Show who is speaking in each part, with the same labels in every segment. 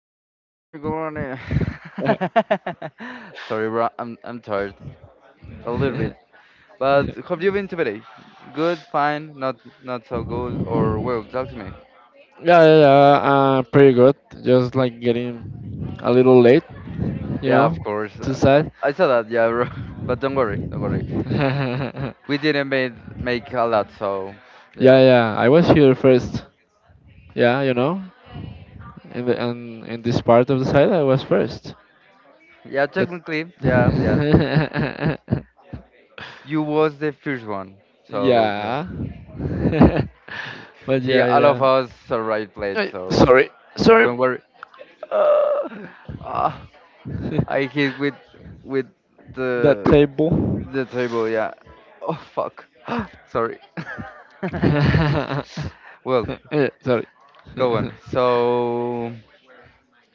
Speaker 1: good morning, good morning, good morning.
Speaker 2: Uh,
Speaker 1: Sorry, bro, I'm tired a little bit. But have you been today? Good, fine, not so good, or well, talk to me.
Speaker 2: Yeah, yeah, yeah. Pretty good. Just like getting a little late, you
Speaker 1: Yeah,
Speaker 2: know,
Speaker 1: of course.
Speaker 2: too sad.
Speaker 1: I saw that, yeah, bro. But don't worry, don't worry. We didn't made make a lot, so yeah,
Speaker 2: Yeah, yeah. I was here first. Yeah, in the and in this part of the side, I was first.
Speaker 1: yeah.
Speaker 2: That-
Speaker 1: Technically, yeah, yeah. You was the first one, so yeah.
Speaker 2: yeah. But
Speaker 1: See,
Speaker 2: yeah,
Speaker 1: all of
Speaker 2: yeah.
Speaker 1: us are right played,
Speaker 2: Ay,
Speaker 1: so
Speaker 2: sorry, sorry.
Speaker 1: don't worry. Ah, I hit with
Speaker 2: That
Speaker 1: the
Speaker 2: table.
Speaker 1: the table. Yeah. Oh fuck. Sorry. Well,
Speaker 2: Sorry.
Speaker 1: go on. So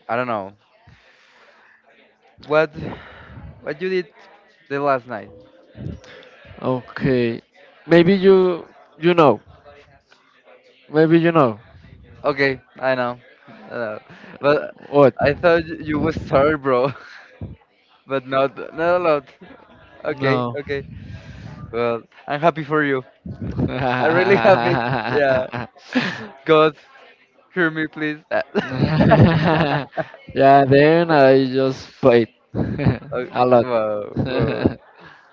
Speaker 1: I don't know what what you did the last night.
Speaker 2: Okay. Maybe you know. Maybe you know.
Speaker 1: Okay, I know, I know. But
Speaker 2: What?
Speaker 1: I thought you was sorry, bro. But not a lot. Okay,
Speaker 2: No.
Speaker 1: okay. Well, I'm happy for you. I'm really
Speaker 2: Yeah,
Speaker 1: happy. Yeah. God, hear me, please.
Speaker 2: then I just played
Speaker 1: Oh,
Speaker 2: a lot.
Speaker 1: wow, wow.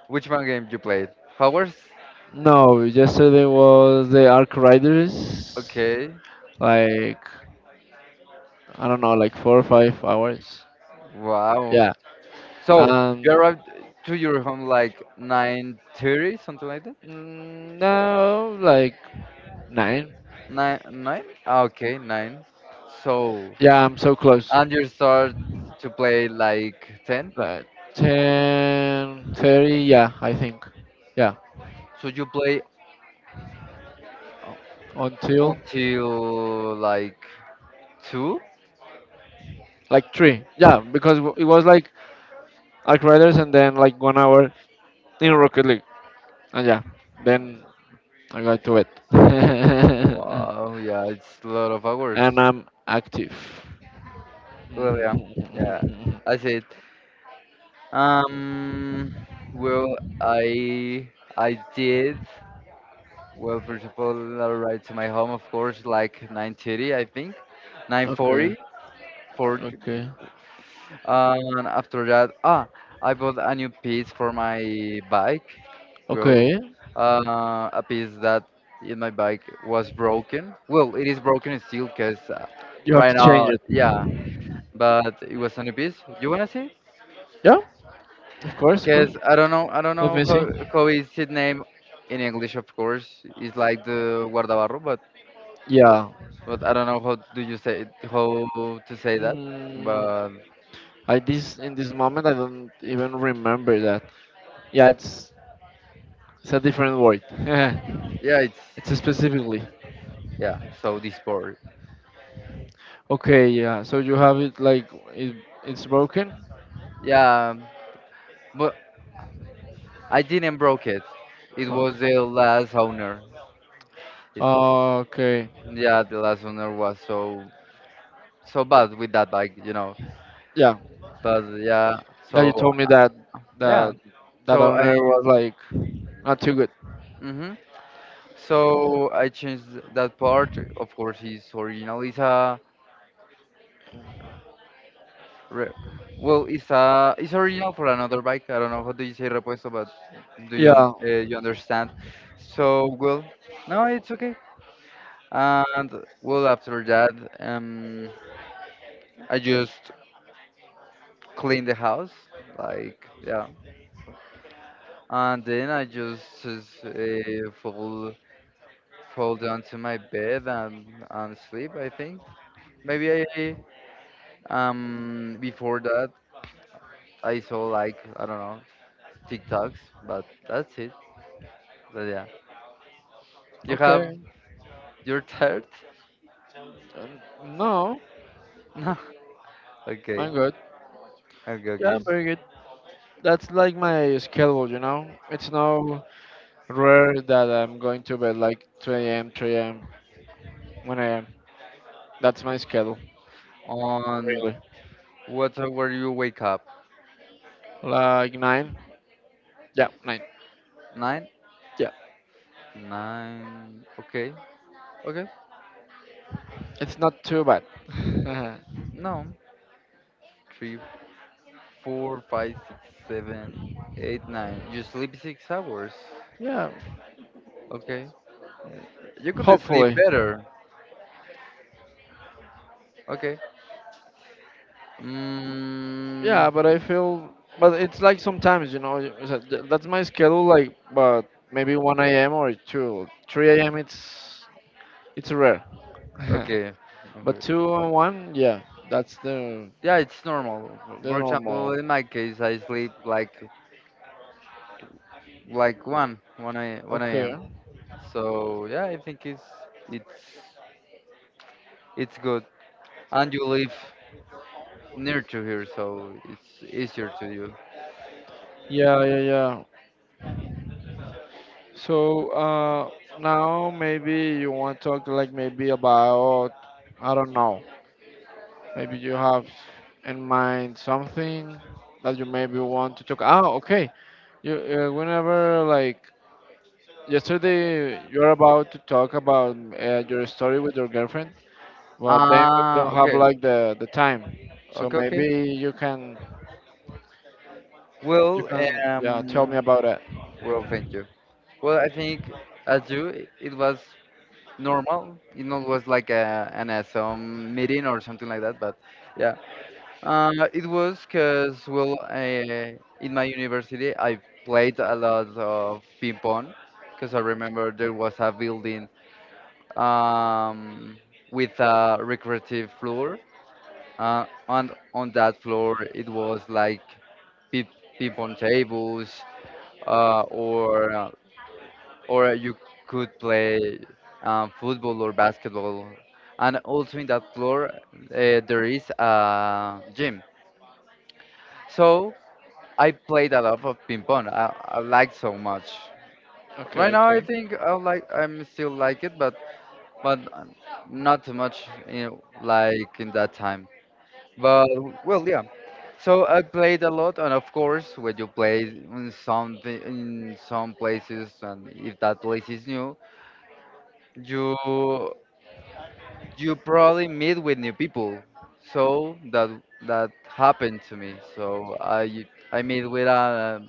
Speaker 1: Which one game you played? Hogwarts?
Speaker 2: No, yesterday was the Arc Riders,
Speaker 1: Okay.
Speaker 2: like, I don't know, like 4 or 5 hours.
Speaker 1: Wow.
Speaker 2: Yeah.
Speaker 1: So you
Speaker 2: Um.
Speaker 1: arrived to your home like 9:30, something like that?
Speaker 2: Mm, no, like nine.
Speaker 1: Nine, nine? Ah, okay, nine. So
Speaker 2: Yeah, I'm so close.
Speaker 1: and you start to play like 10.
Speaker 2: Like 10:30, yeah, I think. Yeah,
Speaker 1: So you play u-
Speaker 2: until
Speaker 1: until like 2?
Speaker 2: like three. Yeah, because it was like Arc Riders and then like 1 hour in Rocket League. And yeah, then I got to it.
Speaker 1: Wow, yeah, it's a lot of hours.
Speaker 2: And I'm active.
Speaker 1: Well, yeah, yeah. I see. Um, well, I did. Well, first of all, I arrived to my home, of course, like 9:30, I think,
Speaker 2: Okay,
Speaker 1: 9:40. For
Speaker 2: okay,
Speaker 1: after that, ah, I bought a new piece for my bike. Well,
Speaker 2: okay.
Speaker 1: a piece that in my bike was broken. Well, it is broken still, cause
Speaker 2: You have to
Speaker 1: right now,
Speaker 2: change it.
Speaker 1: yeah. But it was a new piece. You wanna see?
Speaker 2: Yeah, of course, of course.
Speaker 1: Because I don't
Speaker 2: Let
Speaker 1: know
Speaker 2: me see.
Speaker 1: how, is his name in English, of course. It's like the guardabarro, but
Speaker 2: Yeah,
Speaker 1: but I don't know how do you say it, how to say that.
Speaker 2: Mm,
Speaker 1: But
Speaker 2: I this in this moment I don't even remember that. Yeah, it's a different word.
Speaker 1: yeah, it's
Speaker 2: It's
Speaker 1: it's
Speaker 2: specifically
Speaker 1: yeah. So this part,
Speaker 2: okay. Yeah, so you have it like it, it's broken.
Speaker 1: yeah. But I didn't broke it. It was
Speaker 2: Okay.
Speaker 1: the last owner. It-
Speaker 2: Okay.
Speaker 1: yeah, the last owner was so bad with that bike.
Speaker 2: Yeah.
Speaker 1: But yeah,
Speaker 2: Yeah, you
Speaker 1: so
Speaker 2: told me
Speaker 1: yeah,
Speaker 2: that that
Speaker 1: so
Speaker 2: owner
Speaker 1: I.
Speaker 2: was like not too good.
Speaker 1: Mhm. So I changed that part. Of course, it's original. It's a re- well, it's a it's original for another bike. I don't know how do you say repuesto, but do you un
Speaker 2: Yeah.
Speaker 1: you understand? So well, no, it's okay. And well, after that, um, I just clean the house, like yeah, and then I just fall down to my bed and sleep. I think maybe I before that. I saw like I don't know TikToks, but that's it. But yeah, you have
Speaker 2: Okay.
Speaker 1: your third.
Speaker 2: Um, no,
Speaker 1: No. Okay.
Speaker 2: I'm good.
Speaker 1: Okay.
Speaker 2: Yeah,
Speaker 1: Okay.
Speaker 2: I'm very good. That's like my schedule, you know. It's no rare that I'm going to bed like 2 a.m., 3 a.m., 1 a.m. That's my schedule,
Speaker 1: On
Speaker 2: really.
Speaker 1: what time were you wake up?
Speaker 2: Like 9? Yeah, 9.
Speaker 1: Nine.
Speaker 2: Yeah,
Speaker 1: Nine. Okay. Okay.
Speaker 2: it's not too bad.
Speaker 1: No. Three, four, five, six, seven, eight, nine. You sleep 6 hours.
Speaker 2: Yeah,
Speaker 1: Okay. Yeah. You could sleep
Speaker 2: hopefully.
Speaker 1: better. Okay. Mm,
Speaker 2: Yeah, but I feel, but it's like sometimes, that's my schedule, like, but maybe 1 a.m. or 2. 3 a.m., it's rare.
Speaker 1: okay. Okay.
Speaker 2: But 2 and 1, yeah, that's the,
Speaker 1: Yeah, it's normal.
Speaker 2: the
Speaker 1: For example,
Speaker 2: normal.
Speaker 1: in my case, I sleep like one
Speaker 2: Okay.
Speaker 1: a.m. So yeah, I think it's it's good. And you live near to here, so it's easier to you.
Speaker 2: Yeah, yeah, yeah. So now maybe you want to talk like maybe about I don't know. Maybe you have in mind something that you maybe want to talk. Ah, okay. You whenever like yesterday you're about to talk about your story with your girlfriend, but then we
Speaker 1: Ah,
Speaker 2: don't have
Speaker 1: okay,
Speaker 2: like the time. So
Speaker 1: okay, okay.
Speaker 2: maybe you can
Speaker 1: Well,
Speaker 2: yeah tell
Speaker 1: um,
Speaker 2: me about it.
Speaker 1: well, thank you. Well, I think as you, it was normal. It not was like a an some meeting or something like that, but yeah, it was because, well, in my university, I played a lot of ping pong because I remember there was a building um, with a recreative floor, and on that floor it was like ping, ping pong tables, uh, or uh, or you could play football or basketball, and also in that floor there is a gym. So I played a lot of ping pong. I like so much.
Speaker 2: Okay.
Speaker 1: Right now, I
Speaker 2: Okay.
Speaker 1: think I'm still like it, but not too much, like in that time. But well, yeah. So I played a lot, and of course, when you play in something in some places, and if that place is new, you you probably meet with new people. So that happened to me. So I meet with a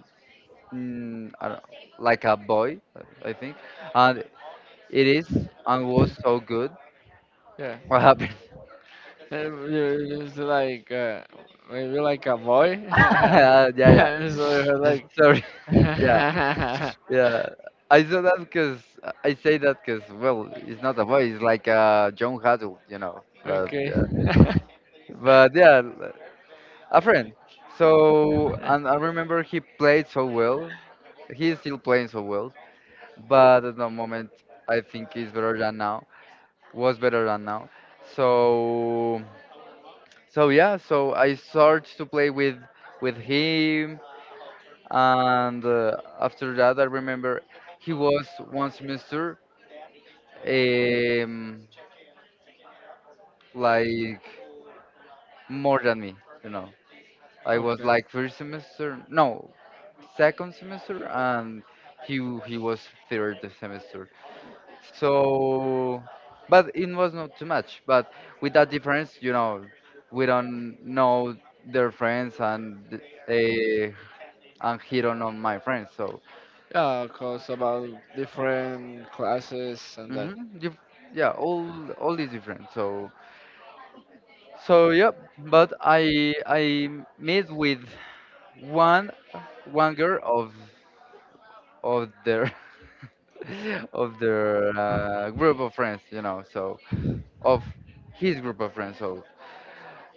Speaker 1: I don't, like a boy, I think, and it is and was so good.
Speaker 2: Yeah.
Speaker 1: What happened?
Speaker 2: You like maybe like a boy.
Speaker 1: Yeah, yeah.
Speaker 2: So you are
Speaker 1: Yeah.
Speaker 2: like
Speaker 1: Sorry. Yeah, yeah. I saw that because I say that because well, it's not a boy. It's like John Haddle.
Speaker 2: okay.
Speaker 1: But yeah, a friend. So and I remember he played so well. He is still playing so well, but at the moment I think he's better than now. Was better than now. So So yeah, so I started to play with him, and after that, I remember he was one semester um, like more than me. You know, I was
Speaker 2: Okay.
Speaker 1: like first semester, no, second semester, and he he was third semester. So, but it was not too much. But with that difference, we don't know their friends uh, and hit on my friends. So
Speaker 2: Yeah, of course, about different classes and that.
Speaker 1: mhm, you yeah, all is different. so yep. But I met with one one girl of their of their group of friends. So of his group of friends. So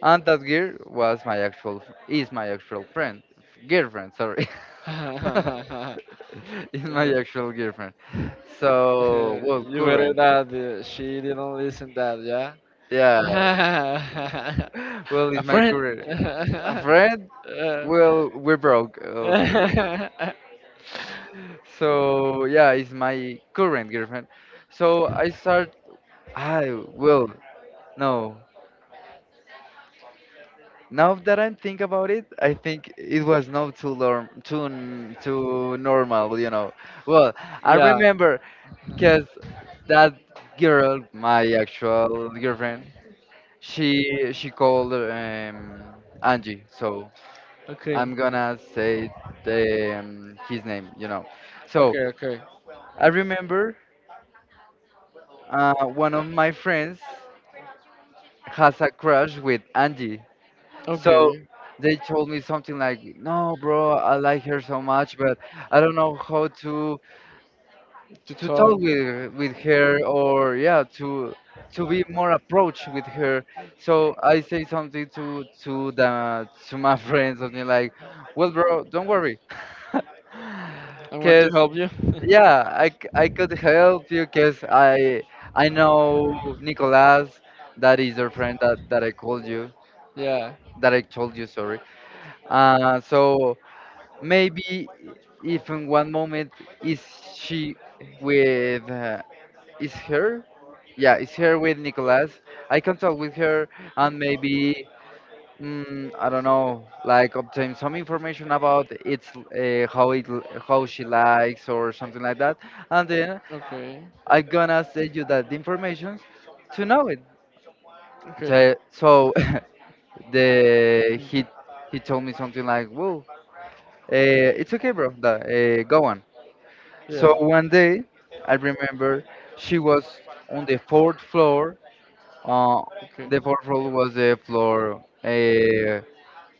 Speaker 1: and that girl was my actual is my actual friend girlfriend. Sorry, is my actual girlfriend. So well,
Speaker 2: You better
Speaker 1: current.
Speaker 2: that she didn't listen that, yeah?
Speaker 1: Yeah, well,
Speaker 2: A
Speaker 1: it's my
Speaker 2: friend?
Speaker 1: current. A friend?
Speaker 2: Uh,
Speaker 1: Well, we're broke. So yeah, it's my current girlfriend. So I start. I will no. Now that I think about it, I think it was not too normal. Well, I
Speaker 2: Yeah.
Speaker 1: remember because that girl, my actual girlfriend, she called Angie. So I'm
Speaker 2: Okay.
Speaker 1: gonna say his name. So
Speaker 2: Okay, okay.
Speaker 1: I remember one of my friends has a crush with Angie. So
Speaker 2: Okay.
Speaker 1: they told me something like, "No, bro, I like her so much, but I don't know how to
Speaker 2: To
Speaker 1: to talk
Speaker 2: talk.
Speaker 1: with her or yeah, to be more approach with her." So I say something to my friend something like, "Well, bro, don't worry."
Speaker 2: I want to
Speaker 1: Because
Speaker 2: help you.
Speaker 1: Yeah, I could help you because I know Nicolas, that is your friend that I called you,
Speaker 2: Yeah.
Speaker 1: that I told you, sorry. So maybe if in one moment is she with is her? Yeah, is her with Nicolas? I can talk with her and maybe I don't know, like obtain some information about it's how she likes or something like that and then
Speaker 2: Okay.
Speaker 1: I gonna send you that information to know it.
Speaker 2: Okay.
Speaker 1: So, the he told me something like, "Whoa, it's okay, bro. That, go on." So
Speaker 2: Yeah.
Speaker 1: one day, I remember she was on the fourth floor. Uh,
Speaker 2: Okay.
Speaker 1: the fourth floor was the floor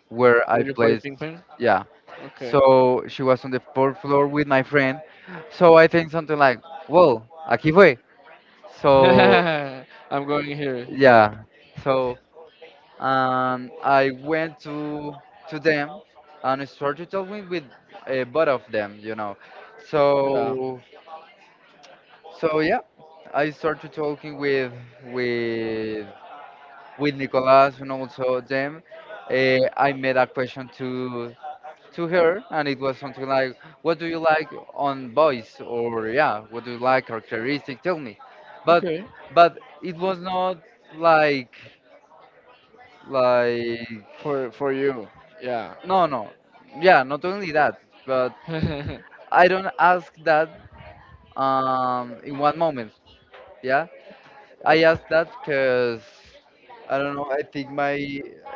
Speaker 1: where I
Speaker 2: Will you play
Speaker 1: placed.
Speaker 2: ping pong?
Speaker 1: Yeah.
Speaker 2: Okay.
Speaker 1: So she was on the fourth floor with my friend. So I think something like, "Whoa, aquí fue." So
Speaker 2: I'm going here. Yeah.
Speaker 1: yeah. So and I went to them and I started talking with both of them.
Speaker 2: Yeah.
Speaker 1: So so yeah, I started talking with with Nicolas and also them. I made a question to her and it was something like, "What do you like on boys?" or yeah, "What do you like characteristic? Tell me." But
Speaker 2: Okay.
Speaker 1: but it was not like like
Speaker 2: For you. Yeah.
Speaker 1: no, no. Yeah, not only that, but I don't ask that in one moment. Yeah, I ask that because I don't know. I think my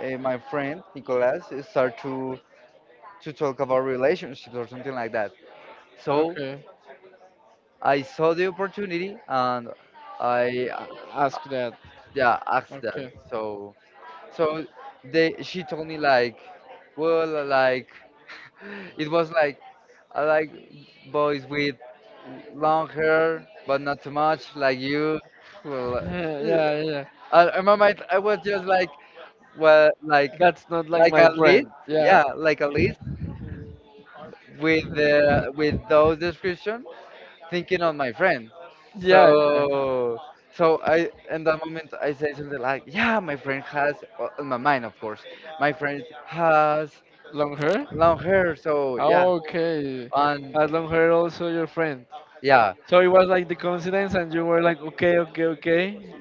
Speaker 1: uh, my friend Nicolas start to talk about relationships or something like that. So
Speaker 2: Okay.
Speaker 1: I saw the opportunity and I
Speaker 2: Ask that.
Speaker 1: yeah asked that.
Speaker 2: Okay.
Speaker 1: So so they she told me like well like it was like I like boys with long hair, but not too much, like you. Well, uh,
Speaker 2: Yeah, yeah.
Speaker 1: I remember I was just like, well, like,
Speaker 2: That's not like
Speaker 1: like
Speaker 2: my
Speaker 1: a list,
Speaker 2: friend. Yeah.
Speaker 1: yeah, like a list with those description, thinking on my friend.
Speaker 2: Yeah, yeah.
Speaker 1: So, so, I in that moment I say something like, yeah, my friend has, well, in my mind, of course, my friend has
Speaker 2: Long hair?
Speaker 1: long hair, so yeah,
Speaker 2: Okay.
Speaker 1: and
Speaker 2: Has long hair also your friend?
Speaker 1: yeah,
Speaker 2: So it was like the coincidence, and you were like, okay, okay, okay,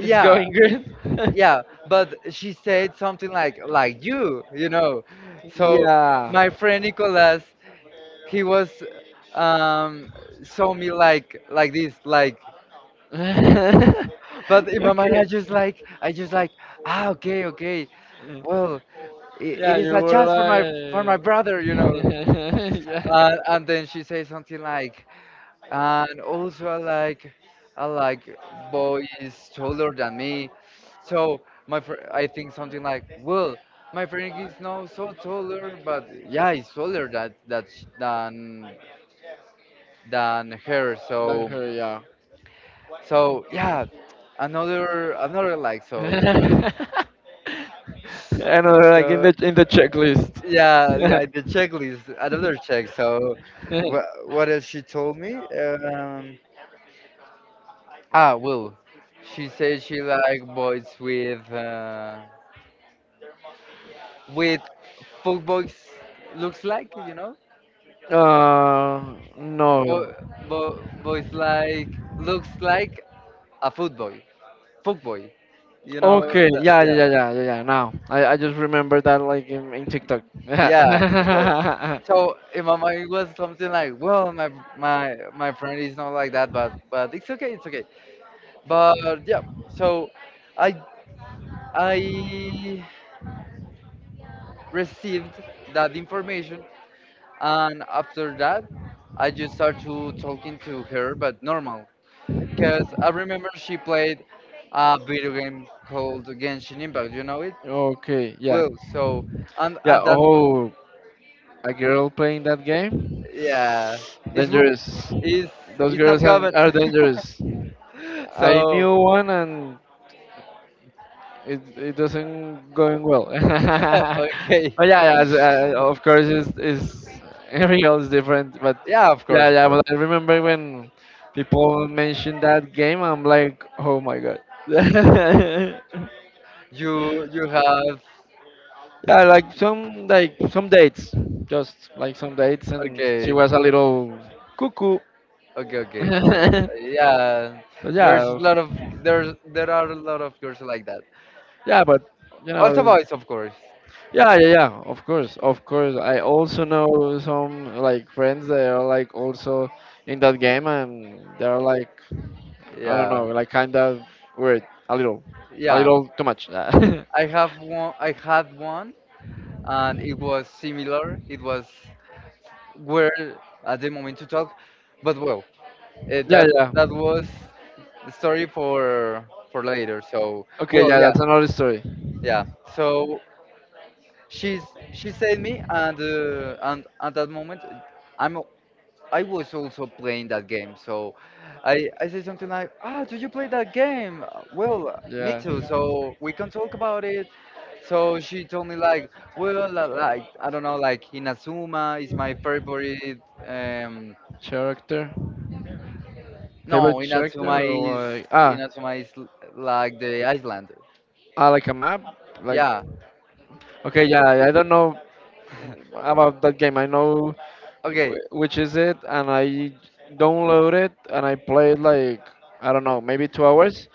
Speaker 2: it's going good.
Speaker 1: Yeah, but she said something like you know so my
Speaker 2: Yeah.
Speaker 1: friend Nicolas he was um saw me like this like
Speaker 2: Okay.
Speaker 1: but in my mind I just like, ah, okay, okay,
Speaker 2: Yeah,
Speaker 1: well, it
Speaker 2: yeah,
Speaker 1: is
Speaker 2: you
Speaker 1: a
Speaker 2: were
Speaker 1: chance for my
Speaker 2: like,
Speaker 1: brother you know
Speaker 2: yeah,
Speaker 1: uh, And then she says something like and also I like boys taller than me. So my fr I think something like, well, my friend is now so taller, but yeah, he's taller that that sh- than her.
Speaker 2: than
Speaker 1: So
Speaker 2: her, yeah.
Speaker 1: so yeah,
Speaker 2: Okay.
Speaker 1: another like so
Speaker 2: I know, like in
Speaker 1: so
Speaker 2: the checklist.
Speaker 1: yeah, yeah, the checklist. Another check. So what else she told me? Um, ah, well, she said she like boys with. With folk boys looks like, you know?
Speaker 2: No.
Speaker 1: Bo- Boys like looks like a foot boy, folk boy, you know?
Speaker 2: Okay,
Speaker 1: That,
Speaker 2: yeah,
Speaker 1: yeah,
Speaker 2: yeah, yeah, yeah, yeah. Yeah, now I just remember that like in TikTok.
Speaker 1: yeah. So,
Speaker 2: Yeah.
Speaker 1: so, in my mind it was something like, well, my friend is not like that, but it's okay, it's okay. But yeah, so I I received that information, and after that, I just started to talking to her, but normal, because I remember she played a video game called Genshin Impact. You know it?
Speaker 2: Okay, yeah,
Speaker 1: Well, so and
Speaker 2: yeah.
Speaker 1: at that,
Speaker 2: Oh, a girl playing that game?
Speaker 1: yeah, it's wo-
Speaker 2: Dangerous. Those
Speaker 1: it's not
Speaker 2: girls are,
Speaker 1: common.
Speaker 2: are dangerous. I knew
Speaker 1: so
Speaker 2: one and it doesn't going well.
Speaker 1: okay,
Speaker 2: But yeah, yeah of course, it's everything else different. But
Speaker 1: yeah, of course,
Speaker 2: yeah,
Speaker 1: of
Speaker 2: yeah.
Speaker 1: course.
Speaker 2: But I remember when people mentioned that game, I'm like, oh my god. Yeah,
Speaker 1: You have
Speaker 2: like some dates, just like some dates, and she
Speaker 1: okay,
Speaker 2: was a little cuckoo.
Speaker 1: okay, okay.
Speaker 2: But
Speaker 1: Yeah, there's a
Speaker 2: yeah,
Speaker 1: lot of there are a lot of girls like that.
Speaker 2: yeah, but you
Speaker 1: Also
Speaker 2: know.
Speaker 1: boys, of course.
Speaker 2: Yeah, yeah, yeah. Of course, of course. I also know some like friends that are like also in that game, and they're like I don't know,
Speaker 1: Yeah,
Speaker 2: like kind of weird, a
Speaker 1: yeah.
Speaker 2: little too much. Yeah,
Speaker 1: I have one. I had one and it was similar. It was weird at the moment to talk, but well, that
Speaker 2: yeah.
Speaker 1: that was the story for later. So
Speaker 2: Okay,
Speaker 1: well,
Speaker 2: yeah,
Speaker 1: yeah,
Speaker 2: that's another story.
Speaker 1: yeah. So she's she saved me, and at that moment, I'm I was also playing that game. So I said something like, ah, do you play that game? Well, me
Speaker 2: Yeah,
Speaker 1: too. So we can talk about it. So she told me like, well, like I don't know, like Inazuma is my favorite. Um,
Speaker 2: character,
Speaker 1: no,
Speaker 2: favorite character,
Speaker 1: Is
Speaker 2: or like
Speaker 1: Inazuma is l- like the Icelander.
Speaker 2: like a map, like
Speaker 1: Yeah.
Speaker 2: okay, yeah. I don't know about that game. I know
Speaker 1: Okay.
Speaker 2: which is it, and I download it and I played like I don't know, maybe 2 hours,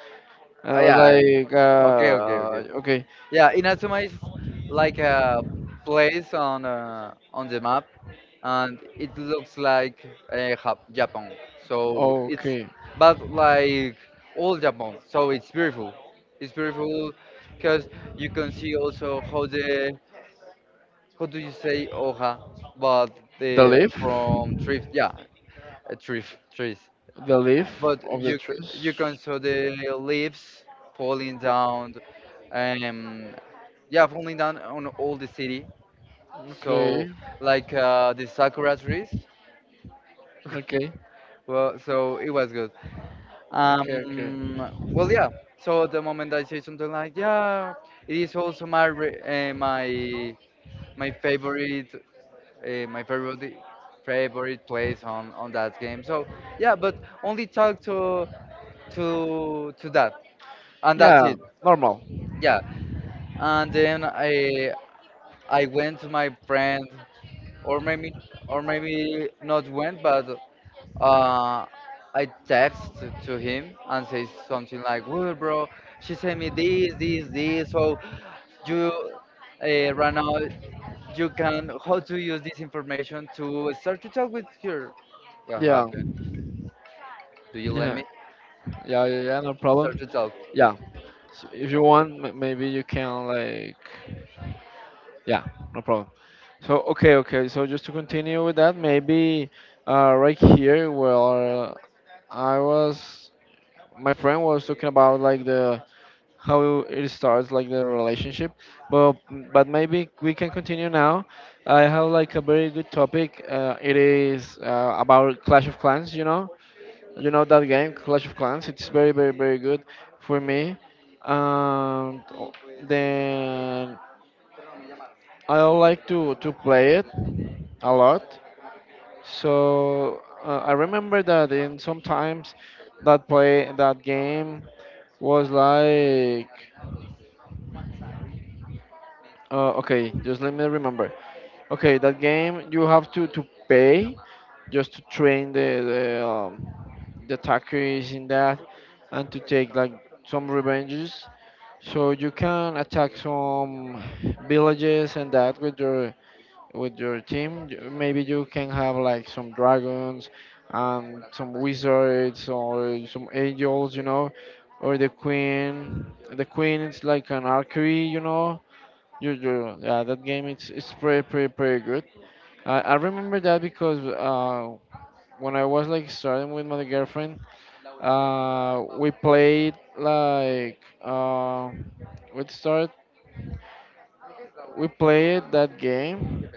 Speaker 2: and I was
Speaker 1: Yeah.
Speaker 2: like,
Speaker 1: Okay. Okay. Okay.
Speaker 2: okay,
Speaker 1: Yeah. Inazuma is like a place on the map and it looks like Japan. So it's
Speaker 2: okay,
Speaker 1: but like all Japan. So it's beautiful. It's beautiful because you can see also how the how do you say hoja, but
Speaker 2: the
Speaker 1: the
Speaker 2: leaf,
Speaker 1: from trees. Yeah, a tree, trees.
Speaker 2: the leaf
Speaker 1: But
Speaker 2: of the trees.
Speaker 1: you can see the leaves falling down. Um, yeah, falling down on all the city. So
Speaker 2: Okay,
Speaker 1: like the sakura trees
Speaker 2: okay,
Speaker 1: Well, so it was good.
Speaker 2: okay, okay.
Speaker 1: Well, yeah. So at the moment I say something like, yeah, it is also my my favorite my favorite favorite place on that game. So yeah, but only talk to that, and that's
Speaker 2: Yeah,
Speaker 1: it.
Speaker 2: normal.
Speaker 1: Yeah, and then I went to my friend, or maybe not went, but uh, I text to him and say something like, "Well, bro, she sent me this, this, this. So you right now you can how to use this information to start to talk with her." What
Speaker 2: Yeah,
Speaker 1: happened? Do you let
Speaker 2: yeah.
Speaker 1: me
Speaker 2: Yeah, yeah, yeah, no
Speaker 1: start
Speaker 2: problem.
Speaker 1: to talk?
Speaker 2: Yeah, so if you want, maybe you can like, yeah, no problem. So okay, okay. So just to continue with that, maybe right here where I was, my friend was talking about like the how it starts, like the relationship. But but maybe we can continue now. I have like a very good topic. It is about Clash of Clans. You know that game, Clash of Clans. It's very, very, very good for me. And then I like to play it a lot. So I remember that in sometimes that play that game was like okay, just let me remember. Okay, that game you have to pay just to train the attackers in that and to take like some revenges. So you can attack some villages and that with your team. Maybe you can have like some dragons and some wizards or some angels, or the queen. The queen is like an archery, you know. Yeah, that game it's pretty pretty pretty good. I remember that because when I was like starting with my girlfriend, we played like we start we played that game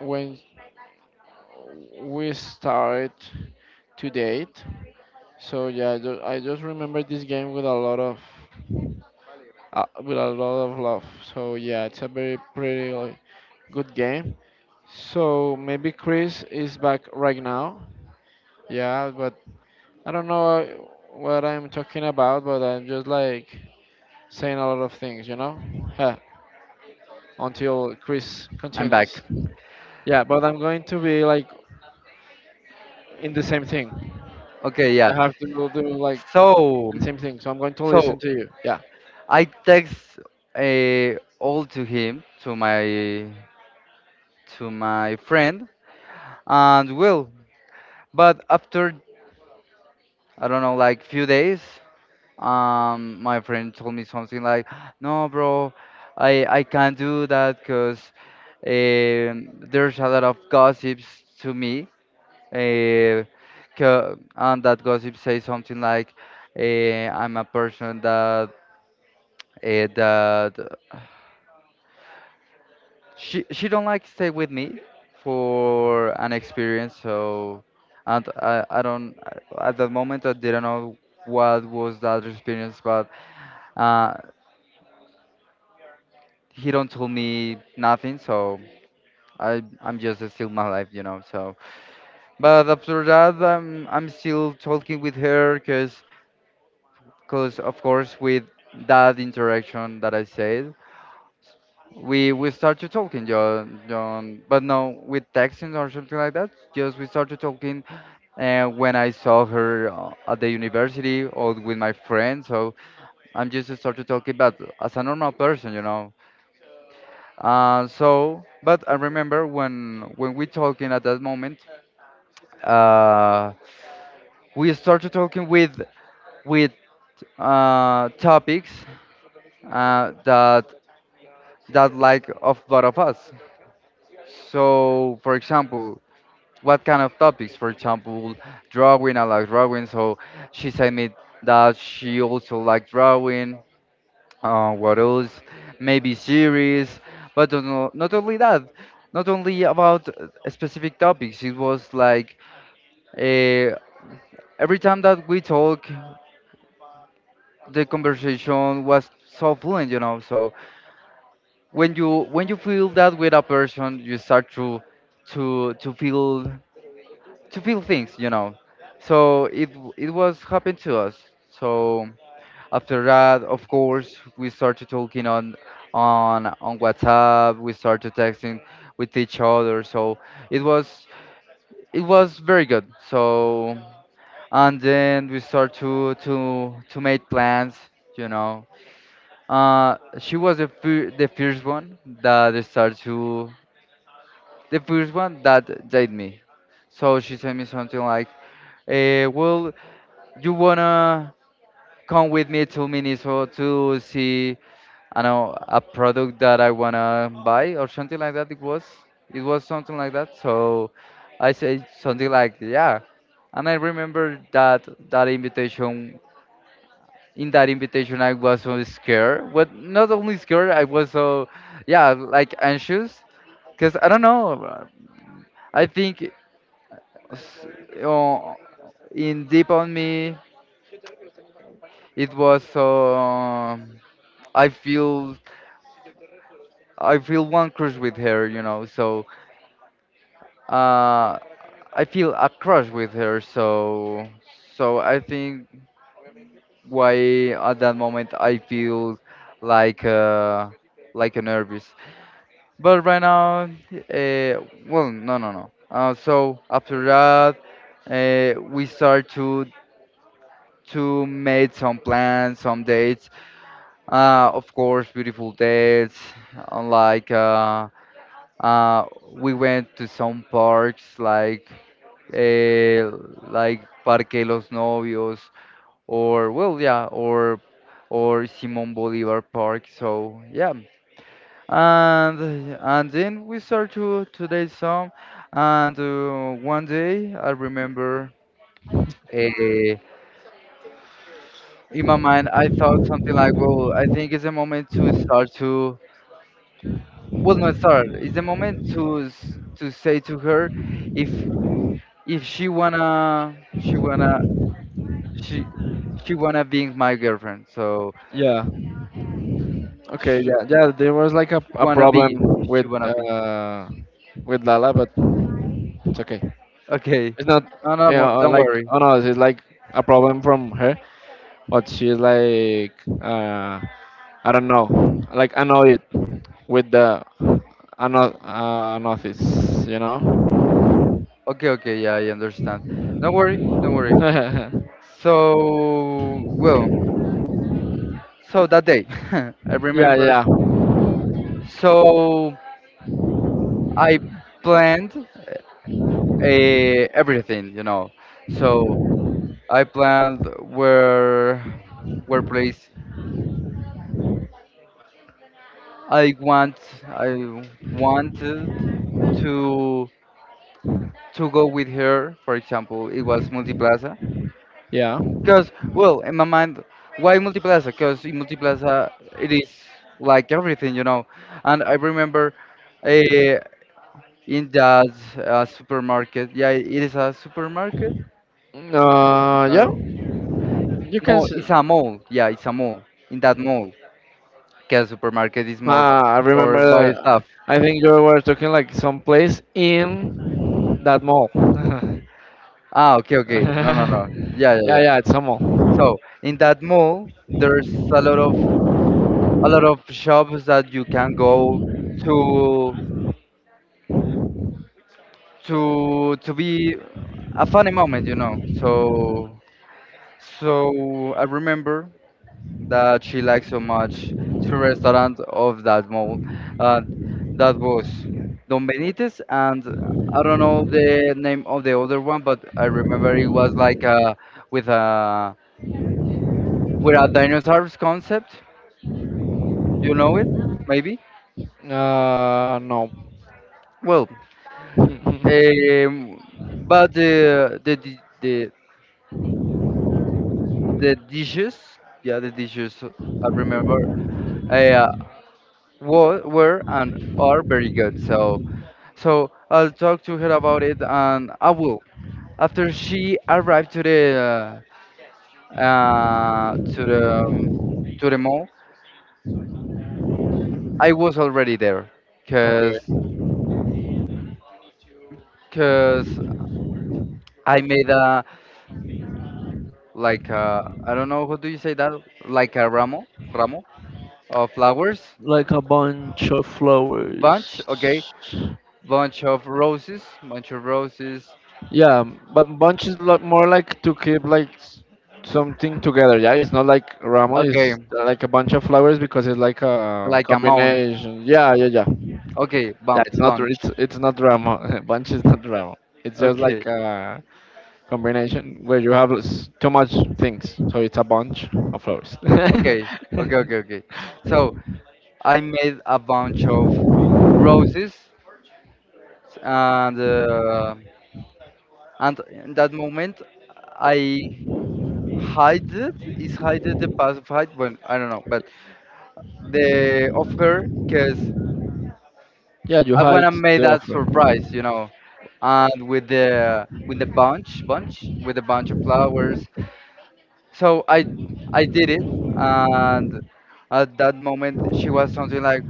Speaker 2: when we start to date. So yeah, I just remember this game with a lot of with a lot of love. So yeah, it's a very pretty like, good game. So maybe Chris is back right now. Yeah, but I don't know what I'm talking about, but I'm just like saying a lot of things, you know? Huh, until Chris
Speaker 1: I'm back.
Speaker 2: continues. Yeah, but I'm going to be like in the same thing.
Speaker 1: Okay, yeah.
Speaker 2: I have to go do like
Speaker 1: So,
Speaker 2: the same thing, so I'm going to
Speaker 1: so,
Speaker 2: listen to you. Yeah.
Speaker 1: I text uh, all to him to my friend and Will, but after I don't know like few days my friend told me something like, "No, bro, I can't do that because there's a lot of gossips to me, uh, and that gossip says something like, I'm a person that she don't like stay with me for an experience, so." and I don't at that moment I didn't know what was that experience, but uh, he don't tell me nothing so I'm just still my life, you know. So but after that I'm still talking with her because of course with that interaction that I said, we start to talking john john but no with texting or something like that, just we started talking when I saw her at the university or with my friends, so I'm just started talking but as a normal person, you know. So, but I remember when we talking at that moment, uh, we started talking with topics uh, that that like of both of us. So, for example, what kind of topics? For example, drawing. I like drawing, so she said me that she also like drawing. What else? Maybe series, but don't know- not only that, not only about specific topics. It was like uh, every time that we talk, the conversation was so fluent, you know. So when you feel that with a person, you start to to feel to feel things, you know. So it was happened to us. So after that, of course, we started talking on WhatsApp. We started texting with each other. So it was it was very good. So and then we start to make plans. You know, she was the fir- the first one that started to the first one that date me. So she sent me something like, "Well, you wanna come with me to Minnesota to see?" I know a product that I wanna buy or something like that. It was something like that. So I said something like yeah, and I remember that invitation. In that invitation, I was so scared, but not only scared, I was so yeah like anxious because I don't know. I think s- uh, in deep on me it was so I feel I feel one crush with her, you know. So uh, I feel a crush with her, so I think why at that moment I feel like a nervous. But right now, well, no, no, no. So after that, we start to make some plans, some dates. Of course, beautiful dates, uh, like. Uh, we went to some parks uh, like Parque Los Novios or well yeah or Simon Bolivar Park. So yeah, and then we start to today's song, and one day I remember. Uh, in my mind, I thought something like, "Well, I think it's a moment to start to well, not start. It's a moment to to say to her if she wanna she wanna she she wanna be my girlfriend so
Speaker 2: Yeah. Okay.
Speaker 1: she,
Speaker 2: Yeah. Yeah. There was like
Speaker 1: she
Speaker 2: a
Speaker 1: wanna be
Speaker 2: problem with
Speaker 1: wanna be
Speaker 2: uh with Lala, but it's okay.
Speaker 1: okay
Speaker 2: It's not
Speaker 1: no no don't
Speaker 2: like
Speaker 1: worry
Speaker 2: on us. It's like a problem from her, but she's like uh I don't know, like annoy it with the notice.
Speaker 1: okay, okay, yeah, I understand, don't worry, don't worry.
Speaker 2: Yeah,
Speaker 1: So well, so that day I remember,
Speaker 2: yeah,
Speaker 1: so I planned everything you know, so I planned where place i want I want to to go with her. For example, it was Multiplaza.
Speaker 2: yeah.
Speaker 1: Because well, in my mind, why Multiplaza? Because in Multiplaza it is like everything, you know. And I remember uh, in that supermarket. Yeah, it is a supermarket. Su-
Speaker 2: Yeah,
Speaker 1: no,
Speaker 2: you can.
Speaker 1: no,
Speaker 2: S
Speaker 1: it's a mall. Yeah, it's a mall. In that mall, because supermarket is more
Speaker 2: I remember.
Speaker 1: for body stuff.
Speaker 2: I think you were talking like someplace in that mall.
Speaker 1: Ah, okay, okay. No, no, no. Yeah, yeah,
Speaker 2: Yeah,
Speaker 1: yeah.
Speaker 2: yeah, it's a mall.
Speaker 1: So in that mall, there's a lot of shops that you can go to to be a funny moment, you know. So I remember that she liked so much two restaurants of that mall, and that was Don Benitez and I don't know the name of the other one, but I remember it was like a, with a with a dinosaurs concept. You know it, maybe.
Speaker 2: No.
Speaker 1: Well, But the di- the dishes, yeah, the dishes I remember uh, were and are very good. So I'll talk to her about it, and I will. After she arrived to uh, uh, to the um, the mall, I was already there, cause
Speaker 2: Okay.
Speaker 1: cause I made a I don't know how do you say that, like a ramo, ramo of flowers,
Speaker 2: Like a bunch of
Speaker 1: bunch, okay?
Speaker 2: flowers.
Speaker 1: Bunch of roses, bunch of roses.
Speaker 2: Yeah, but bunch is more like to keep like something together. Yeah, it's not like ramo.
Speaker 1: Okay,
Speaker 2: It's like a bunch of flowers because it's like a
Speaker 1: like amount.
Speaker 2: combination. Yeah, yeah, yeah.
Speaker 1: Okay,
Speaker 2: Yeah, it's not.
Speaker 1: bunch.
Speaker 2: It's not ramo. Bunch is not ramo. It's just
Speaker 1: Okay,
Speaker 2: like a combination where you have too much things, so it's a bunch of flowers.
Speaker 1: okay, okay, okay, okay. So I made a bunch of roses, and uh, and in that moment I hide it. Is hide it the passive hide? Well, I don't know, but the of her because
Speaker 2: Yeah, you
Speaker 1: I
Speaker 2: hide
Speaker 1: wanna make
Speaker 2: the
Speaker 1: that
Speaker 2: offer. Right.
Speaker 1: surprise, you know, and with a bunch of flowers. So I did it, and at that moment she was something like,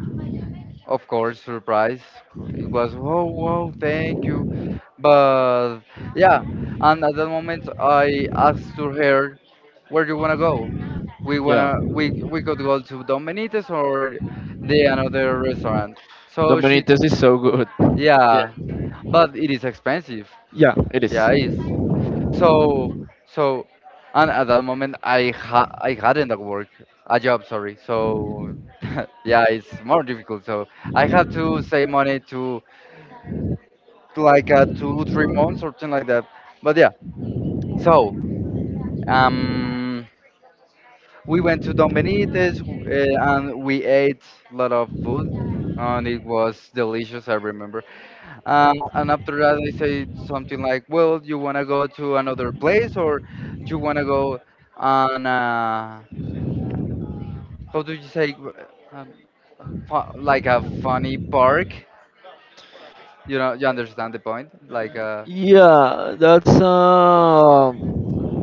Speaker 1: of course, surprise. It was whoa, whoa, thank you, but yeah. And at that moment I asked to her, where do you wanna go? We
Speaker 2: Yeah,
Speaker 1: wanna we could go to Domenites or the another restaurant. So she
Speaker 2: Dominites is so good.
Speaker 1: yeah,
Speaker 2: Yeah,
Speaker 1: but it is expensive.
Speaker 2: yeah, it is.
Speaker 1: Yeah, it's so, so, and at that moment, I hadn't a work, a job, sorry. So, yeah, it's more difficult. So I had to save money to like two, 3 months, something like that. But yeah, so um, we went to Don Benitez and we ate a lot of food, and it was delicious. I remember. And after that, they say something like, "Well, you wanna go to another place, or you wanna go on how do you say, um, a like a funny park? You know, you understand the point? Like,
Speaker 2: Yeah, that's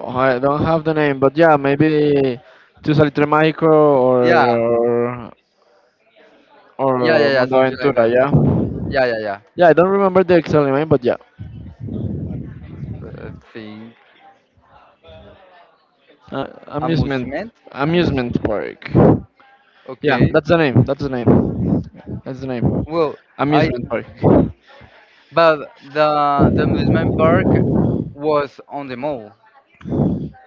Speaker 2: I don't have the name, but yeah, maybe to Salitre Mágico
Speaker 1: yeah,
Speaker 2: or or, or
Speaker 1: yeah, yeah, yeah,
Speaker 2: Mundo
Speaker 1: something like
Speaker 2: Aventura,
Speaker 1: that.
Speaker 2: yeah.
Speaker 1: Yeah, yeah, yeah.
Speaker 2: Yeah, I don't remember the exact name, but yeah.
Speaker 1: Thing,
Speaker 2: Uh, amusement
Speaker 1: amusement,
Speaker 2: amusement
Speaker 1: amusement.
Speaker 2: park. Yeah,
Speaker 1: Okay.
Speaker 2: that's the name. That's the name. That's the name.
Speaker 1: Well, I
Speaker 2: Amusement park.
Speaker 1: but the amusement park was on the mall.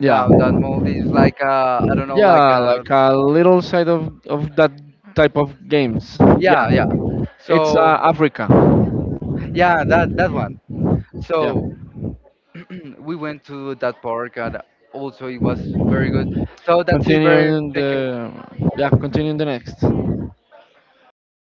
Speaker 1: Yeah,
Speaker 2: Yeah.
Speaker 1: on that mall, there's like a I don't know, like
Speaker 2: Yeah,
Speaker 1: a
Speaker 2: like a little side of that type of games. Yeah.
Speaker 1: Yeah, yeah.
Speaker 2: It's
Speaker 1: So
Speaker 2: Africa.
Speaker 1: yeah, that one.
Speaker 2: Yeah.
Speaker 1: So we went to that park and also it was very good. So that's it, very
Speaker 2: Continuing
Speaker 1: thank you.
Speaker 2: the yeah, continuing the next. See,